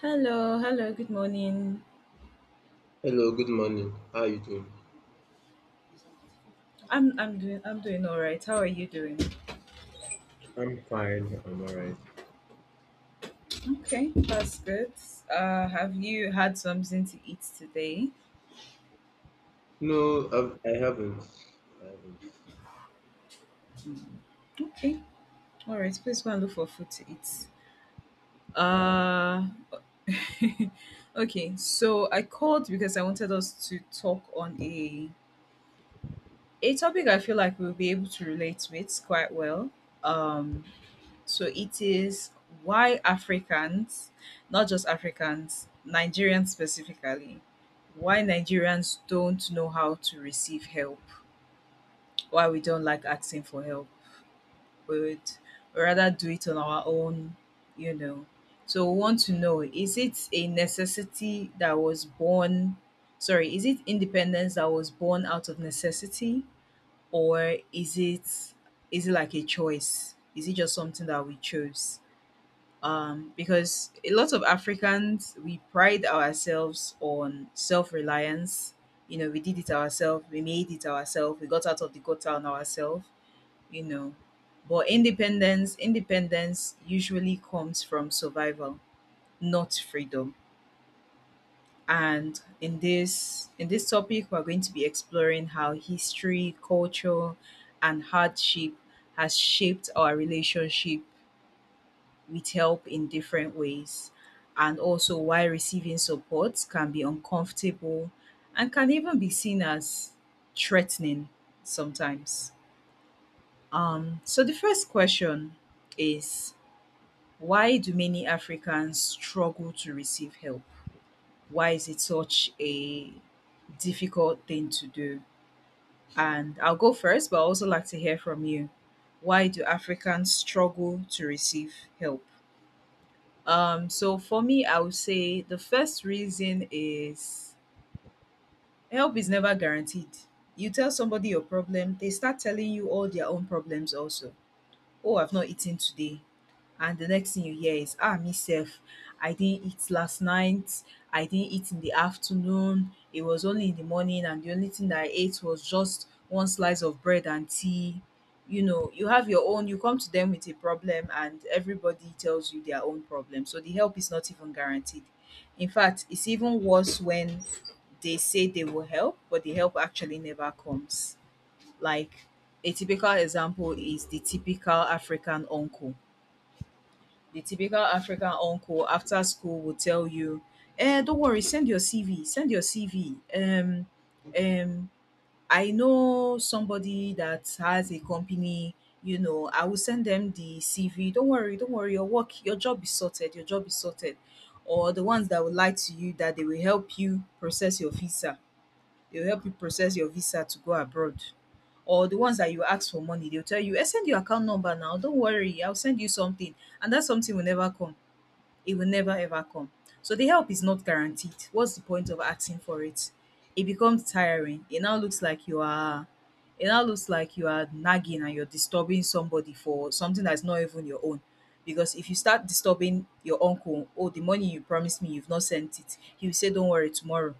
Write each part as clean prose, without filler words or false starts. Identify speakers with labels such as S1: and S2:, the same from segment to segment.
S1: Hello, hello, good morning.
S2: Hello, good morning. How are you doing?
S1: I'm doing all right. How are you doing?
S2: I'm fine. I'm all right.
S1: Okay, that's good. Have you had something to eat today?
S2: No, I haven't. I haven't.
S1: Okay. All right, please go and look for food to eat.
S2: Uh,
S1: Uh Okay, so I called because I wanted us to talk on a topic I feel like we'll be able to relate with quite well. Um So it is why Africans, not just Africans, Nigerians specifically, why Nigerians don't know how to receive help, why we don't like asking for help. We would rather do it on our own, you know. So we want to know is it a necessity that was born, sorry, is it independence that was born out of necessity or is it like a choice? Is it just something that we chose? Because a lot of Africans we pride ourselves on self-reliance. You know, we did it ourselves, we made it ourselves, we got out of the gutter on ourselves. You know, but independence, independence usually comes from survival, not freedom. And in this topic, we're going to be exploring how history, culture, and hardship has shaped our relationship with help in different ways. And also, why receiving support can be uncomfortable and can even be seen as threatening sometimes. The first question is why do many Africans struggle to receive help? Why is it such a difficult thing to do? And I'll go first, but I also like to hear from you. Why do Africans struggle to receive help? So for me, I would say the first reason is help is never guaranteed. You tell somebody your problem, they start telling you all their own problems also. Oh, I've not eaten today, and the next thing you hear is, ah, myself. I didn't eat last night, I didn't eat in the afternoon, it was only in the morning and the only thing that I ate was just one slice of bread and tea. You know, you have your own, you come to them with a problem and everybody tells you their own problem, so the help is not even guaranteed. In fact, it's even worse when they say they will help but the help actually never comes. Like a typical example is the typical African uncle. The typical African uncle after school will tell you, eh, don't worry, send your CV, send your CV. Um, I know somebody that has a company, you know, I will send them the CV. Don't worry, your work, your job is sorted, your job is sorted. Or the ones that will lie to you that they will help you process your visa. They'll help you process your visa to go abroad. Or the ones that you ask for money, they'll tell you, eh, send your account number now. Don't worry, I'll send you something. And that something will never come. It will never ever come. So the help is not guaranteed. What's the point of asking for it? It becomes tiring. It now looks like you are nagging and you're disturbing somebody for something that's not even your own. Because if you start disturbing your uncle, oh, the money you promised me, you've not sent it, he will say, don't worry,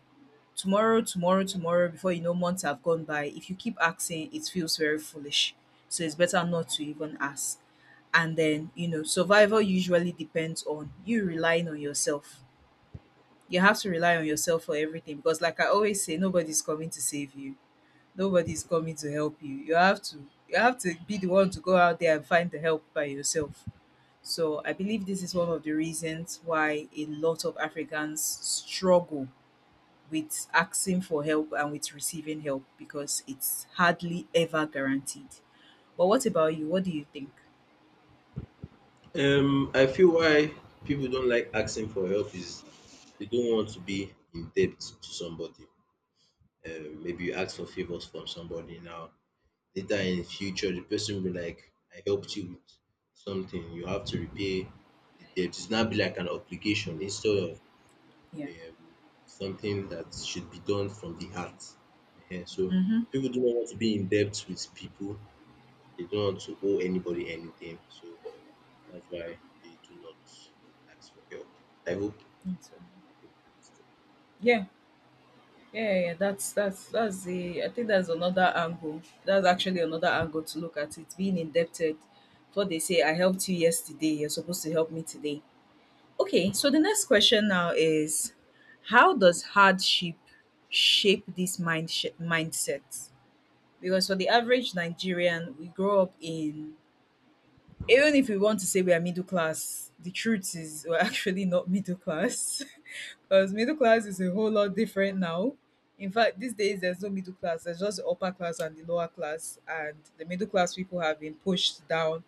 S1: tomorrow, tomorrow, tomorrow, before you know, months have gone by. If you keep asking, it feels very foolish. So it's better not to even ask. And then, you know, survival usually depends on you relying on yourself. You have to rely on yourself for everything because, like I always say, nobody's coming to save you, nobody's coming to help you. You have to. You have to be the one to go out there and find the help by yourself. So I believe this is one of the reasons why a lot of Africans struggle with asking for help and with receiving help because it's hardly ever guaranteed. But what about you? What do you think?
S2: I feel why people don't like asking for help is they don't want to be in debt to somebody. Maybe you ask for favors from somebody now. Later in future, the person will be like, I helped you with something. You have to repay the debt. It's not be like an obligation
S1: Mm,
S2: instead of
S1: yeah.
S2: um, something that should be done from the heart. Ehen, so
S1: Mm-hmm.
S2: people do not want to be in debt with people. They don't want to owe anybody anything. So that's why they do not ask for help. I hope.
S1: Yeah. Yeah, that's the I think that's another angle. That's actually another angle to look at it. Being indebted. What they say, I helped you yesterday, you're supposed to help me today. Okay, so the next question now is how does hardship shape this mindset? Because for the average Nigerian, we grow up in, even if we want to say we are middle class, the truth is we're actually not middle class. Because middle class is a whole lot different now. In fact, these days there's no middle class, there's just the upper class and the lower class, and the middle class people have been pushed down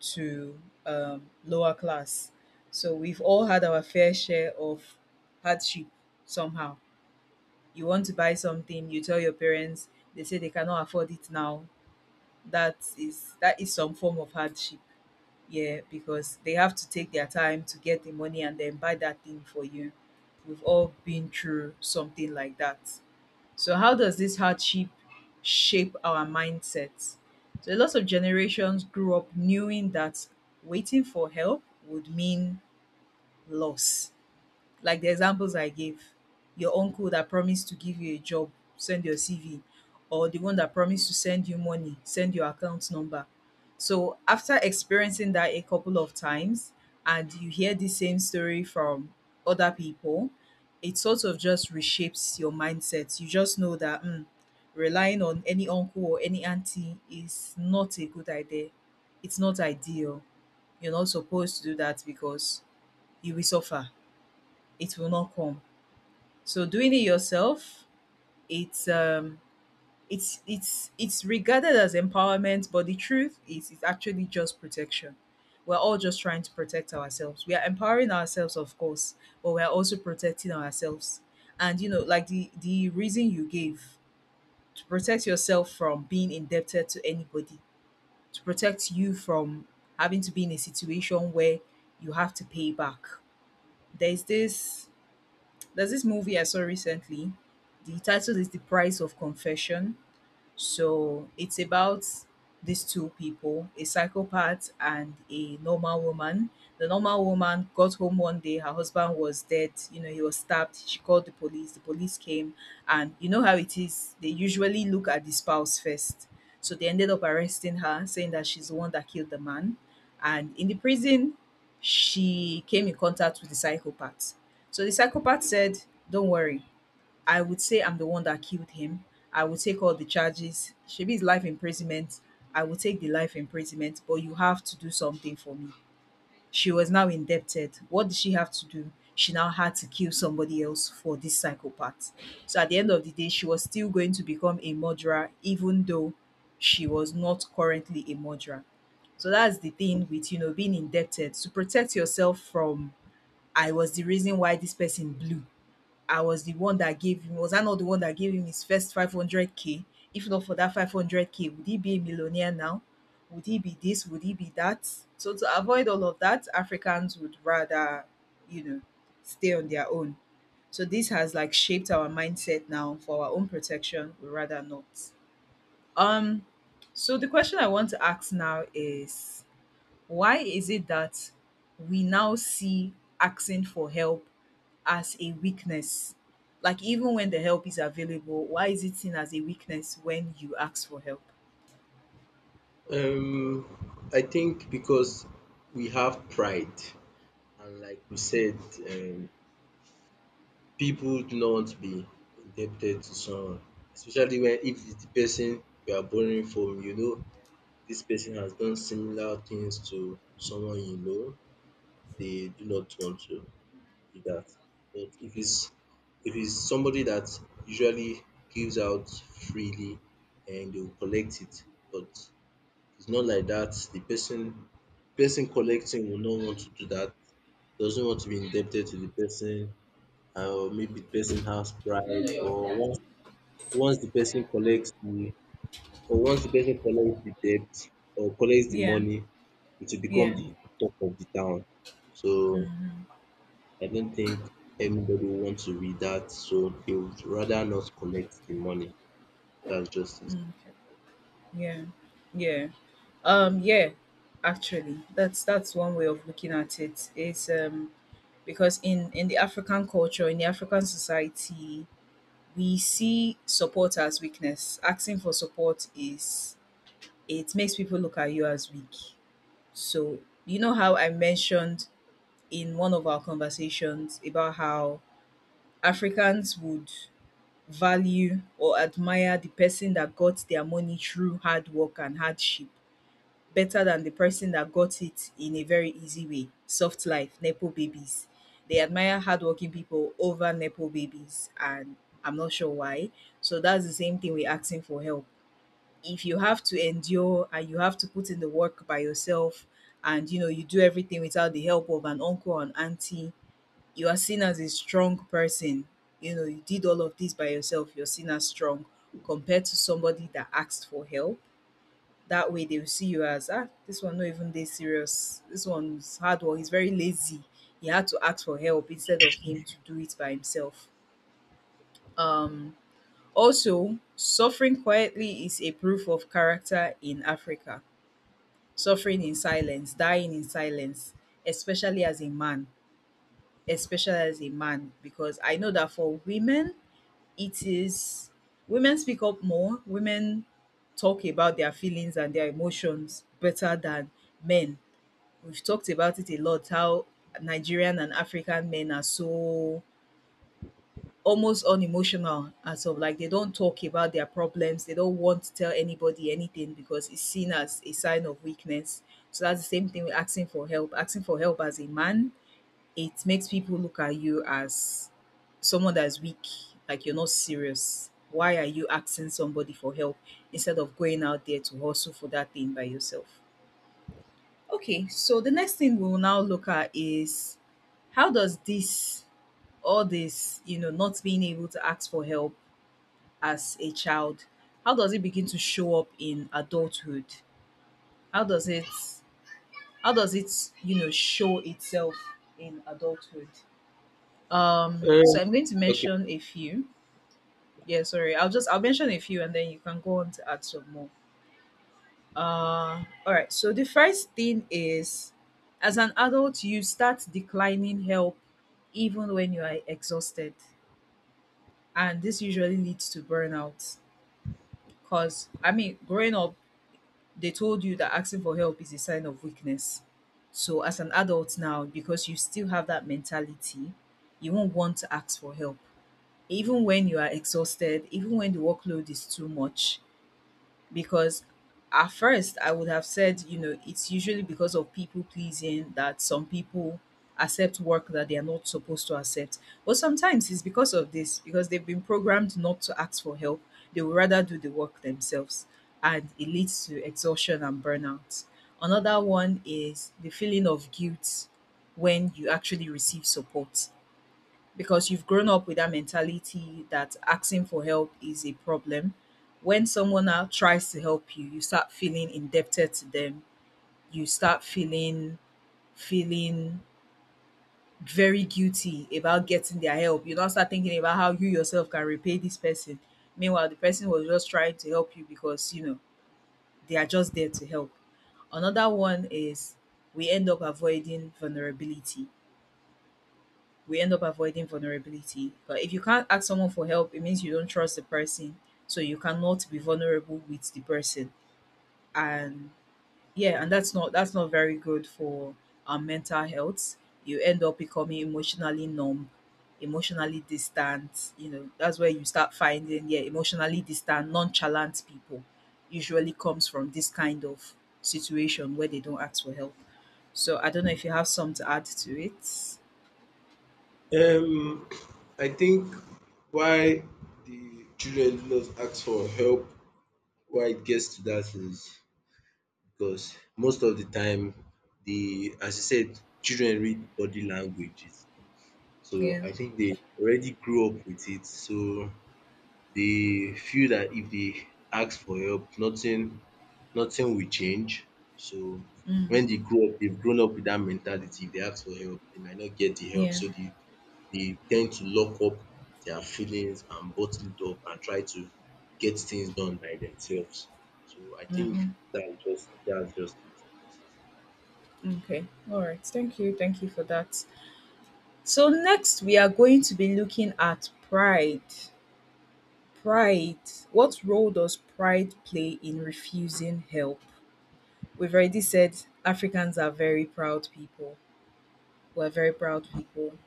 S1: to lower class. So we've all had our fair share of hardship somehow. You want to buy something, you tell your parents, they say they cannot afford it now. That is some form of hardship, yeah, because they have to take their time to get the money and then buy that thing for you. We've all been through something like that. So how does this hardship shape our mindset? So a lot of generations grew up knowing that waiting for help would mean loss. Like the examples I gave, your uncle that promised to give you a job, send your CV, or the one that promised to send you money, send your account number. So after experiencing that a couple of times and you hear the same story from other people, it sort of just reshapes your mindset. You just know that, mm, relying on any uncle or any auntie is not a good idea. It's not ideal. You're not supposed to do that because you will suffer, it will not come. So doing it yourself, it's um it's it's regarded as empowerment, but the truth is it's actually just protection. We're all just trying to protect ourselves. We are empowering ourselves, of course, but we are also protecting ourselves. And you know, like the reason you gave, to protect yourself from being indebted to anybody, to protect you from having to be in a situation where you have to pay back. There's this There's this movie I saw recently. The title is The Price of Confession. So it's about these two people, a psychopath and a normal woman. The normal woman got home one day, her husband was dead, you know, he was stabbed. She called the police came, and you know how it is, they usually look at the spouse first. So they ended up arresting her, saying that she's the one that killed the man. And in the prison, she came in contact with the psychopath. So the psychopath said, don't worry, I would say I'm the one that killed him. I would take all the charges. Shebi is life imprisonment. I will take the life imprisonment, but you have to do something for me. She was now indebted. What did she have to do? She now had to kill somebody else for this psychopath. So at the end of the day, she was still going to become a murderer, even though she was not currently a murderer. So that's the thing with, you know, being indebted, to protect yourself from, I was the reason why this person blew. I was the one that gave him, was I not the one that gave him his first 500k? If not for that 500k, would he be a millionaire now? Would he be this? Would he be that? So to avoid all of that, Africans would rather, you know, stay on their own. So this has like shaped our mindset now for our own protection. We rather not. Um, so the question I want to ask now is why is it that we now see asking for help as a weakness. Like even when the help is available, why is it seen as a weakness when you ask for help?
S2: Um, I think because we have pride, and like we said, um, people do not want to be indebted to someone, especially when if it's the person you are borrowing from, you know, this person has done similar things to someone you know they do not want to do that. But if it's somebody that usually gives out freely and they'll collect it, but it's not like that. The person collecting will not want to do that, doesn't want to be indebted to the person, or maybe the person has pride, or once the person collects the or once the person collects the debt or collects the
S1: Yeah,
S2: money, it will become
S1: yeah,
S2: the talk of the town. So I don't think anybody wants to read that, so they would rather not collect the money. That's just it.
S1: yeah, yeah. Yeah. Actually, that's one way of looking at it. Is Because in the African culture, in the African society, we see support as weakness. Asking for support, is it makes people look at you as weak. So you know how I mentioned in one of our conversations about how Africans would value or admire the person that got their money through hard work and hardship better than the person that got it in a very easy way. Soft life, Nepo babies. They admire hardworking people over Nepo babies, and I'm not sure why. So that's the same thing with asking for help. If you have to endure and you have to put in the work by yourself, and you know, you do everything without the help of an uncle and auntie, you are seen as a strong person. You know, you did all of this by yourself, you're seen as strong compared to somebody that asked for help. That way they will see you as ah, this one not even this serious. This one's hard work, he's very lazy. He had to ask for help instead of him to do it by himself. Um also, suffering quietly is a proof of character in Africa. Suffering in silence, dying in silence, especially as a man, especially as a man, because I know that for women, it is women speak up more, women talk about their feelings and their emotions better than men. We've talked about it a lot how Nigerian and African men are so almost unemotional as of like they don't talk about their problems, they don't want to tell anybody anything because it's seen as a sign of weakness. So that's the same thing with asking for help. Asking for help as a man it makes people look at you as someone that's weak, like you're not serious. Why are you asking somebody for help instead of going out there to hustle for that thing by yourself? Okay, so the next thing we will now look at is how does this, all this, you know, not being able to ask for help as a child, how does it begin to show up in adulthood? How does it, how does it, you know, show itself in adulthood? So
S2: Um,
S1: I'm going to mention a few. Yeah, sorry. I'll mention a few and then you can go on to add some more. All right. So the first thing is, as an adult, you start declining help even when you are exhausted, and this usually leads to burnout. Cause I mean, growing up, they told you that asking for help is a sign of weakness. So as an adult now, because you still have that mentality, you won't want to ask for help even when you are exhausted, even when the workload is too much. Because at first, I would have said, you know, it's usually because of people pleasing that some people accept work that they are not supposed to accept. But sometimes it's because of this, because they've been programmed not to ask for help. They would rather do the work themselves, and it leads to exhaustion and burnout. Another one is the feeling of guilt when you actually receive support because you've grown up with that mentality that asking for help is a problem. When someone now tries to help you, you start feeling indebted to them. You start feeling very guilty about getting their help. You now start thinking about how you yourself can repay this person. Meanwhile, the person was just trying to help you because you know they are just there to help. Another one is we end up avoiding vulnerability we end up avoiding vulnerability. But if you can't ask someone for help, it means you don't trust the person. So you cannot be vulnerable with the person. And yeah, and that's not very good for our mental health. You end up becoming emotionally numb, emotionally distant. You know, that's where you start finding, yeah, emotionally distant, nonchalant people usually comes from this kind of situation where they don't ask for help. So I don't know if you have some to add to it.
S2: Okay. I think why the children do not ask for help why it gets to that is because most of the time the as you said children read body languages so
S1: Yeah.
S2: I think they already grew up with it so they feel that if they ask for help nothing will change. So
S1: Mm.
S2: when they grow up, they've grown up with that mentality. If they ask for help, they might not get the help.
S1: Yeah.
S2: So they tend to lock up their feelings and bottle it up and try to get things done by themselves. So I think that's just it.
S1: Okay. All right. Thank you. Thank you for that. So next we are going to be looking at pride. Pride. What role does pride play in refusing help? We've already said Africans are very proud people. We're very proud people.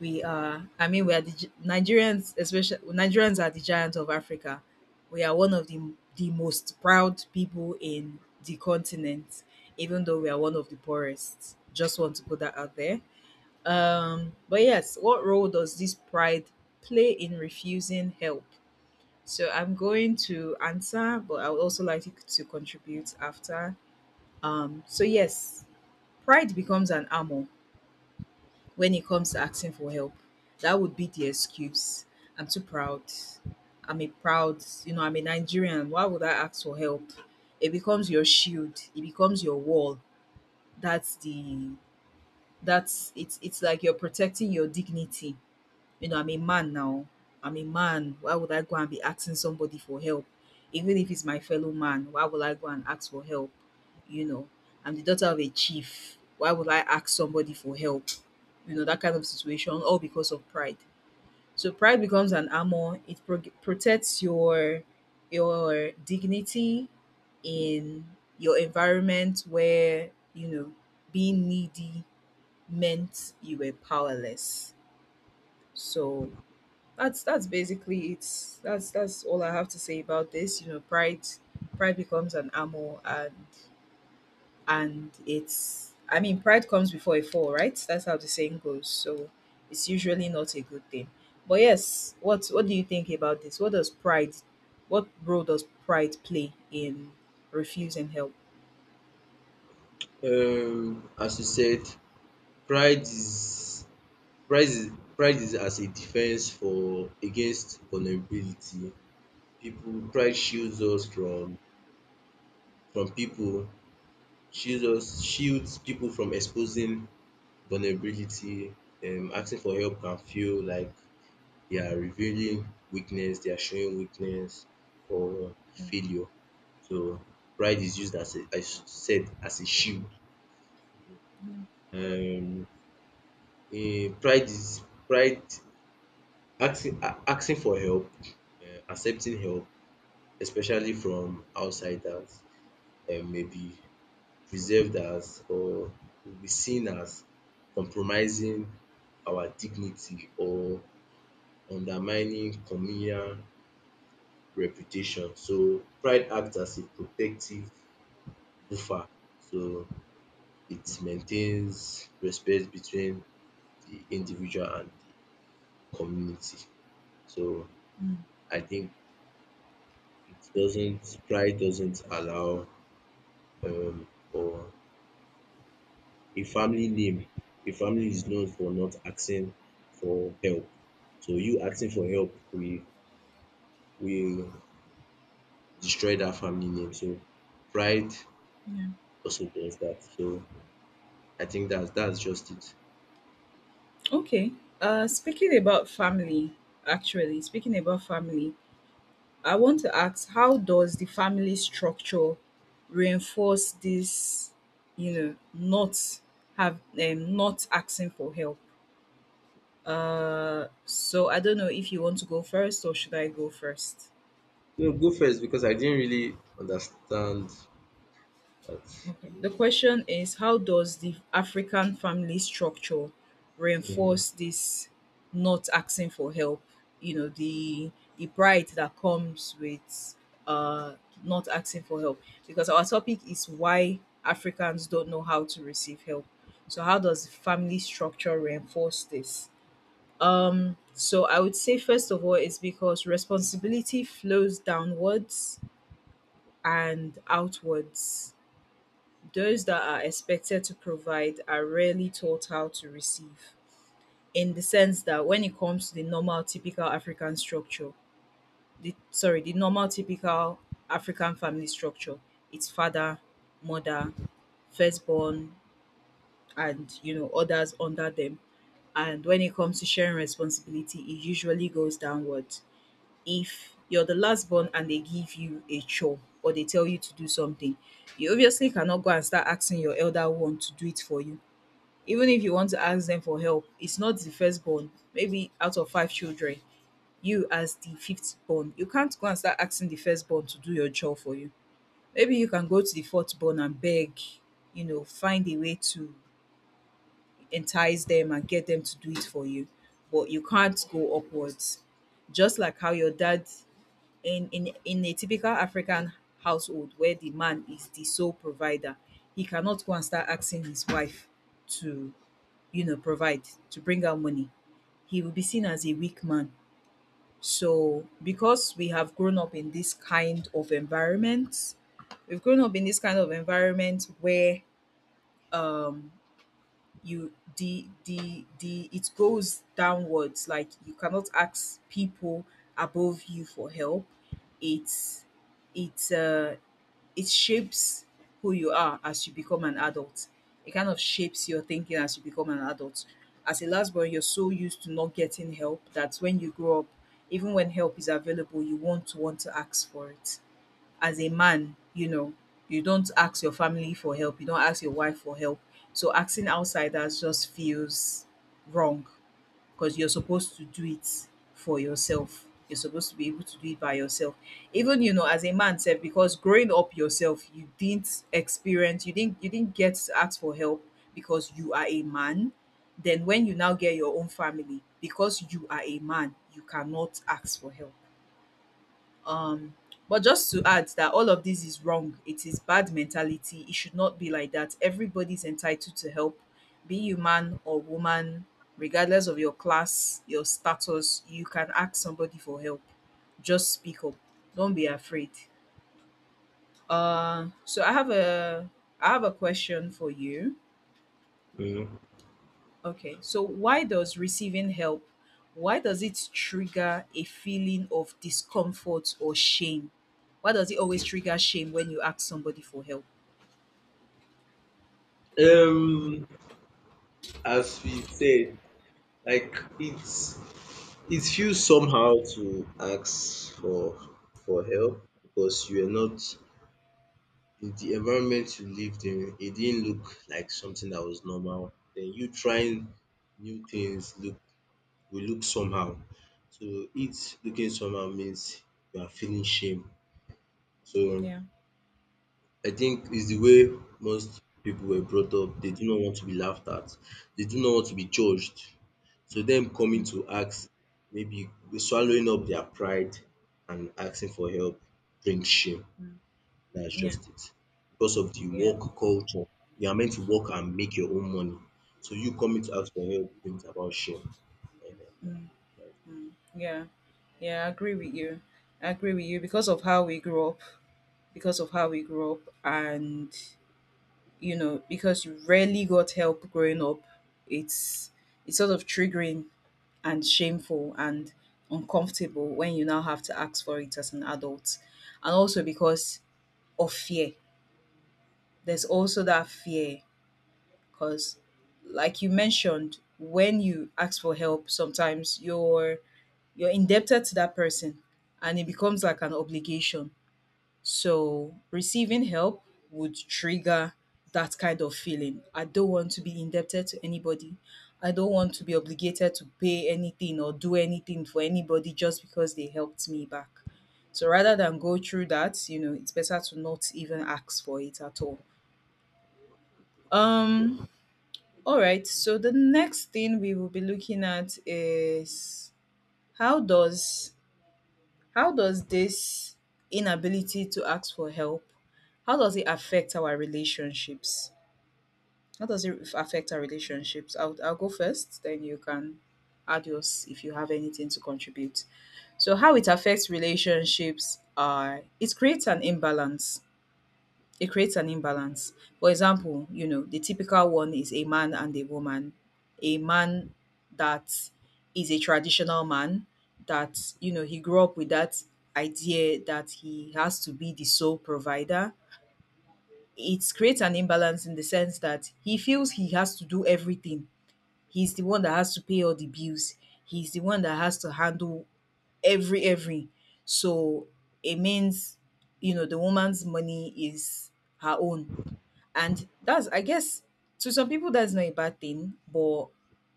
S1: We are I mean we are the gi- Nigerians especially Nigerians are the giants of Africa. We are one of the most proud people in the continent even though we are one of the poorest. Just want to put that out there. But yes, what role does this pride play in refusing help? So I'm going to answer, but I would also like you to contribute after. So yes, pride becomes an armor when it comes to asking for help. That would be the excuse. I'm too proud. I'm a proud, you know, I'm a Nigerian. Why would I ask for help? It becomes your shield. It becomes your wall. That's the that's it's like you're protecting your dignity. You know, I'm a man now. I'm a man. Why would I go and be asking somebody for help? Even if it's my fellow man, why would I go and ask for help? You know, I'm the daughter of a chief. Why would I ask somebody for help? You know, that kind of situation, all because of pride. So pride becomes an armor. It pro- protects your dignity in your environment where you know being needy meant you were powerless. So that's basically it. That's all I have to say about this. You know, pride becomes an armor and it's I mean pride comes before a fall, right? That's how the saying goes. So it's usually not a good thing. But yes, what do you think about this? What does pride what role does pride play in refusing help?
S2: As you said, pride is pride is pride is as a defense for against vulnerability. People pride shields us from people shields people from exposing vulnerability. Asking for help can feel like they are revealing weakness, they are showing weakness or failure. So pride is used as a, I said as a shield.
S1: Mm,
S2: Um, pride asking asking for help, accepting help, especially from outsiders, maybe perceived as or will be seen as compromising our dignity or undermining communal reputation. So pride acts as a protective buffer. So it maintains respect between the individual and the community. So
S1: mm,
S2: I think it doesn't pride doesn't allow for a family name, a family is known for not asking for help. So you asking for help will will destroy that family name. So pride
S1: yeah.
S2: also does that. So I think that's just it.
S1: Okay. Speaking about family, actually, speaking about family, I want to ask, how does the family structure reinforce this, you know, not have not asking for help? So I don't know if you want to go first or should I go first?
S2: No, go first because I didn't really understand that.
S1: Okay. The question is how does the African family structure
S2: Mhm,
S1: reinforce this not asking for help? You know, the pride that comes with uh not asking for help. Because our topic is why Africans don't know how to receive help. So how does family structure reinforce this? So I would say first of all it's because responsibility flows downwards and outwards those that are expected to provide are rarely taught how to receive, in the sense that when it comes to the normal, typical African structure, the sorry, the normal, typical African family structure, it's father, mother, firstborn, and you know others under them. And when it comes to sharing responsibility, it usually goes downwards. If you're the last born and they give you a chore or they tell you to do something, you obviously cannot go and start asking your elder one to do it for you. Even if you want to ask them for help, it's not the firstborn. Maybe out of five children, you as the fifth born, you can't go and start asking the firstborn to do your job for you. Maybe you can go to the fourth born and beg, you know, find a way to entice them and get them to do it for you. But you can't go upwards. Just like how your dad in a typical African household where the man is the sole provider, he cannot go and start asking his wife to you know, provide, to bring out money, he will be seen as a weak man. So, because we have grown up in this kind of environment, we've grown up in this kind of environment where um you the it goes downwards like you cannot ask people above you for help it's it's it shapes who you are as you become an adult. It kind of shapes your thinking as you become an adult. As a last born, you're so used to not getting help that when you grow up, even when help is available, you won't want to ask for it. As a man, you know, you don't ask your family for help, you don't ask your wife for help. So asking outsiders just feels wrong because you're supposed to do it for yourself. You're supposed to be able to do it by yourself. Even you know, as a man said, because growing up yourself, you didn't experience, you didn't get to ask for help because you are a man. Then when you now get your own family, because you are a man, you cannot ask for help um but just to add that all of this is wrong. It is bad mentality. It should not be like dat. Everybody's entitled to help, be you man or woman, regardless of your class your status you can ask somebody for help. Just speak up, don't be afraid. So I have a question for you.
S2: mhm.
S1: Okay, so why does receiving help why does it trigger a feeling of discomfort or shame? Why does it always trigger shame when you ask somebody for help?
S2: Um as we said, like it's it feels somehow to ask for help because you are not the the environment you lived in, it didn't look like something that was normal. Then you trying new things look will look somehow. So it looking somehow means you are feeling shame. So
S1: Yeah.
S2: I think it's the way most people were brought up. They do not want to be laughed at. They do not want to be judged. So them coming
S1: Mm.
S2: to ask, maybe swallowing up their pride and asking for help brings shame.
S1: Mm.
S2: That's
S1: Yeah.
S2: just it. Because of the
S1: Yeah.
S2: work culture, you are meant to work and make your own money. So you coming to ask for help brings about shame. Eh,
S1: Mm.
S2: that's
S1: Mm. Yeah. Yeah, I agree with you. I agree with you because of how we grew up, because of how we grew up and you know, because you rarely got help growing up, it's it's sort of triggering and shameful and uncomfortable when you now have to ask for it as an adult. And also because of fear. There's also that fear because, like you mentioned, when you ask for help, sometimes you're indebted to that person, and it becomes like an obligation. So receiving help would trigger that kind of feeling. I don't want to be indebted to anybody. I don't want to be obligated to pay anything or do anything for anybody just because they helped me back. So rather than go through that, you know, it's better to not even ask for it at all. Um
S2: it.
S1: all right, so the next thing we will be looking at is how does How does this inability to ask for help, how does it affect our relationships? How does it affect our relationships? I'll go first, then you can add yours if you have anything to contribute. So, how it affects relationships are it creates an imbalance it creates an imbalance. For example, you know, the typical one is a man and a woman. A man that is a traditional man, that, you know, he grew up with that idea that he has to be the sole provider. It creates an imbalance in the sense that he feels he has to do everything. He's the one that has to pay all the bills. He's the one that has to handle every. So it means, you know, the woman's money is her own and that's, I guess, to some people, that's not a bad thing, but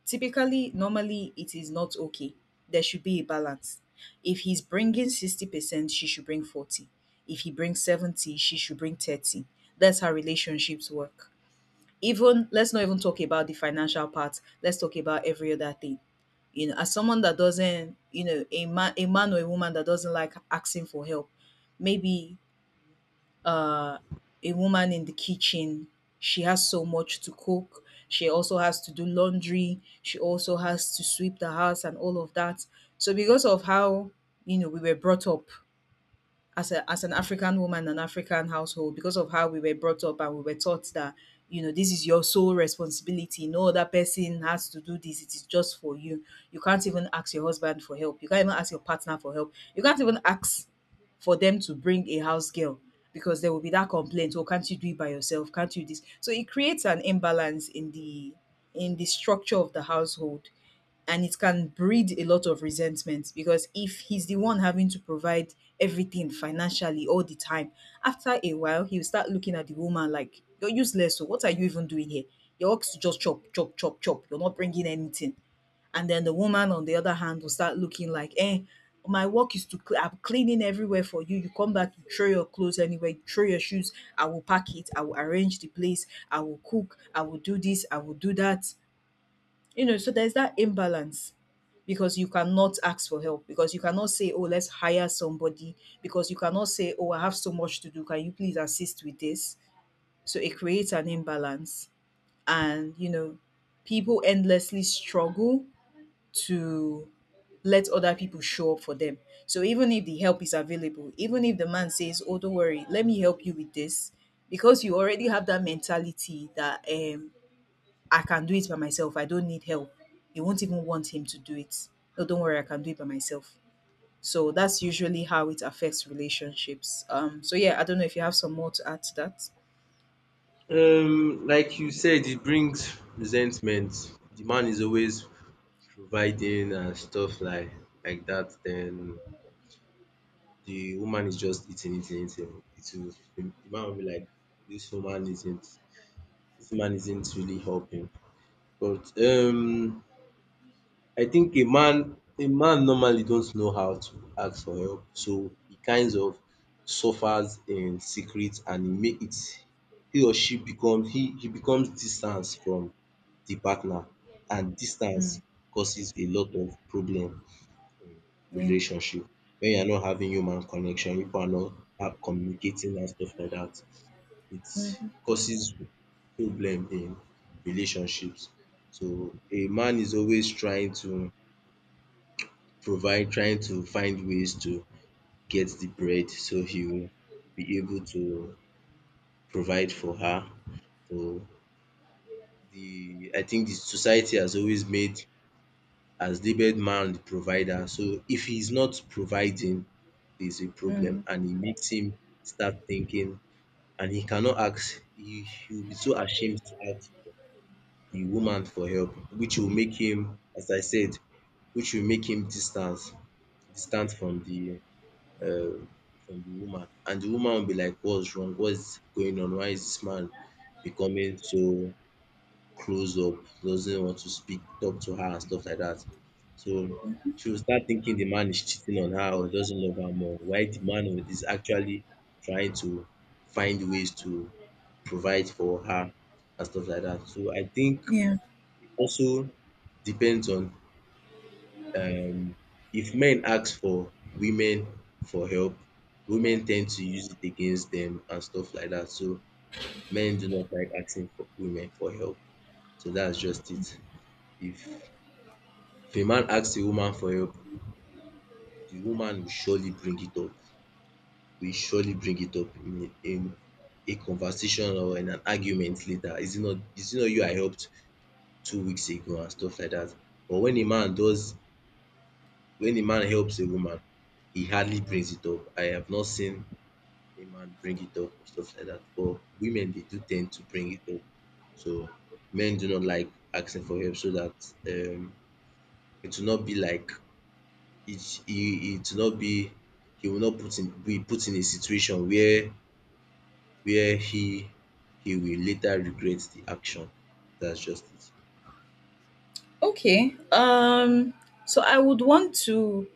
S1: typically, normally, it is not okay. There should be a balance. If he's bringing 60%, she should bring 40. If he brings 70, she should bring 30. That's how relationships work. Even, let's not even talk about the financial part. Let's talk about every other thing. You know, as someone that doesn't, you know, a man or a woman that doesn't like asking for help, maybe uh, a woman in the kitchen. She has so much to cook. She also has to do laundry. She also has to sweep the house and all of that. So because of how, you know, we were brought up, as a as an African woman, an African household, because of how we were brought up and we were taught that, you know, this is your sole responsibility. No other person has to do this. It is just for you. You can't even ask your husband for help. You can't even ask your partner for help. You can't even ask for them to bring a house girl because there will be that complaint. Oh, can't you do it by yourself? Can't you this? So it creates an imbalance in the structure of the household and it can breed a lot of resentment because if he's the one having to provide everything financially all the time, after a while he'll start looking at the woman like you're useless. So what are you even doing here? Your ox to just chop, chop, chop, chop. You're not bringing anything. And then the woman, on the other hand, will start looking like, eh, my work is to, I'm cleaning everywhere for you. You come back, you throw your clothes anywhere, you throw your shoes. I will pack it. I will arrange the place. I will cook. I will do this. I will do that. You know, so there's that imbalance because you cannot ask for help, because you cannot say, oh, let's hire somebody, because you cannot say, oh, I have so much to do. Can you please assist with this? So it creates an imbalance. And, you know, people endlessly struggle to let other people show up for them. So even if the help is available, even if the man says, oh, don't worry, let me help you with this, because you already have that mentality that I can do it by myself. I don't need help. You won't even want him to do it. No, don't worry, I can do it by myself. So that's usually how it affects relationships. So yeah, I don't know if you have some more to add to that.
S2: Like you said, it brings resentment. The man is always providing and stuff like that. Then the woman is just eating, eating, eating. It will, the man will be like, this woman isn't, this man isn't really helping. But I think a man normally don't know how to ask for help, so he kinds of suffers in secret and he make it he or she become he becomes distance from the partner and
S1: Mm,
S2: distance causes a lot of problem in
S1: yeah.
S2: relationship. When you are not having human connection, people are not communicating and stuff like that, it
S1: Mm-hmm,
S2: causes problem in relationships. So a man is always trying to provide trying to find ways to get the bread so he will be able to provide for her. So the I think the society has always made has labeled man the provider. So if he's not providing, there's a
S1: mm-hmm,
S2: problem and it makes him start thinking and he cannot ask he will be so ashamed to ask the woman for help, which will make him, as I said, which will make him distance distant um from the woman and the woman will be like what's wrong, what's going on, why is this man becoming so close up, doesn't want to speak, talk to her and stuff like that. So she will start thinking the man is cheating on her or doesn't love her more, while the man is actually trying to find ways to provide for her and stuff like that. So I think
S1: yeah.
S2: it also depends on um if men ask for women for help, women ten d to use it against them and stuff like that. So men do not like asking for women for help. So that's just it. If if a man asks a woman for help, the woman will surely bring it up, will surely bring it up in a conversation or in an argument later. Is it not you I helped 2 weeks ago and stuff like that. But when a man does when a man helps a woman, he hardly brings it up. I have not seen a man bring it up or stuff like that. But women they do tend to bring it up. So men do not like asking for help so that um it will not be like it will not be he will not put in be put in a situation where where he will later regret the action. That's just it.
S1: Okay. So I would want to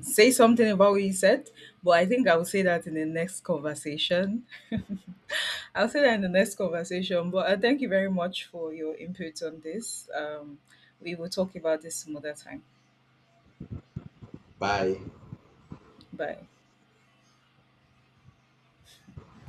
S1: say something about what you said, but I think I will say that in the next conversation. I'll say that in the next conversation, but thank you very much for your input on this. We will talk about this some other time.
S2: Bye.
S1: Bye.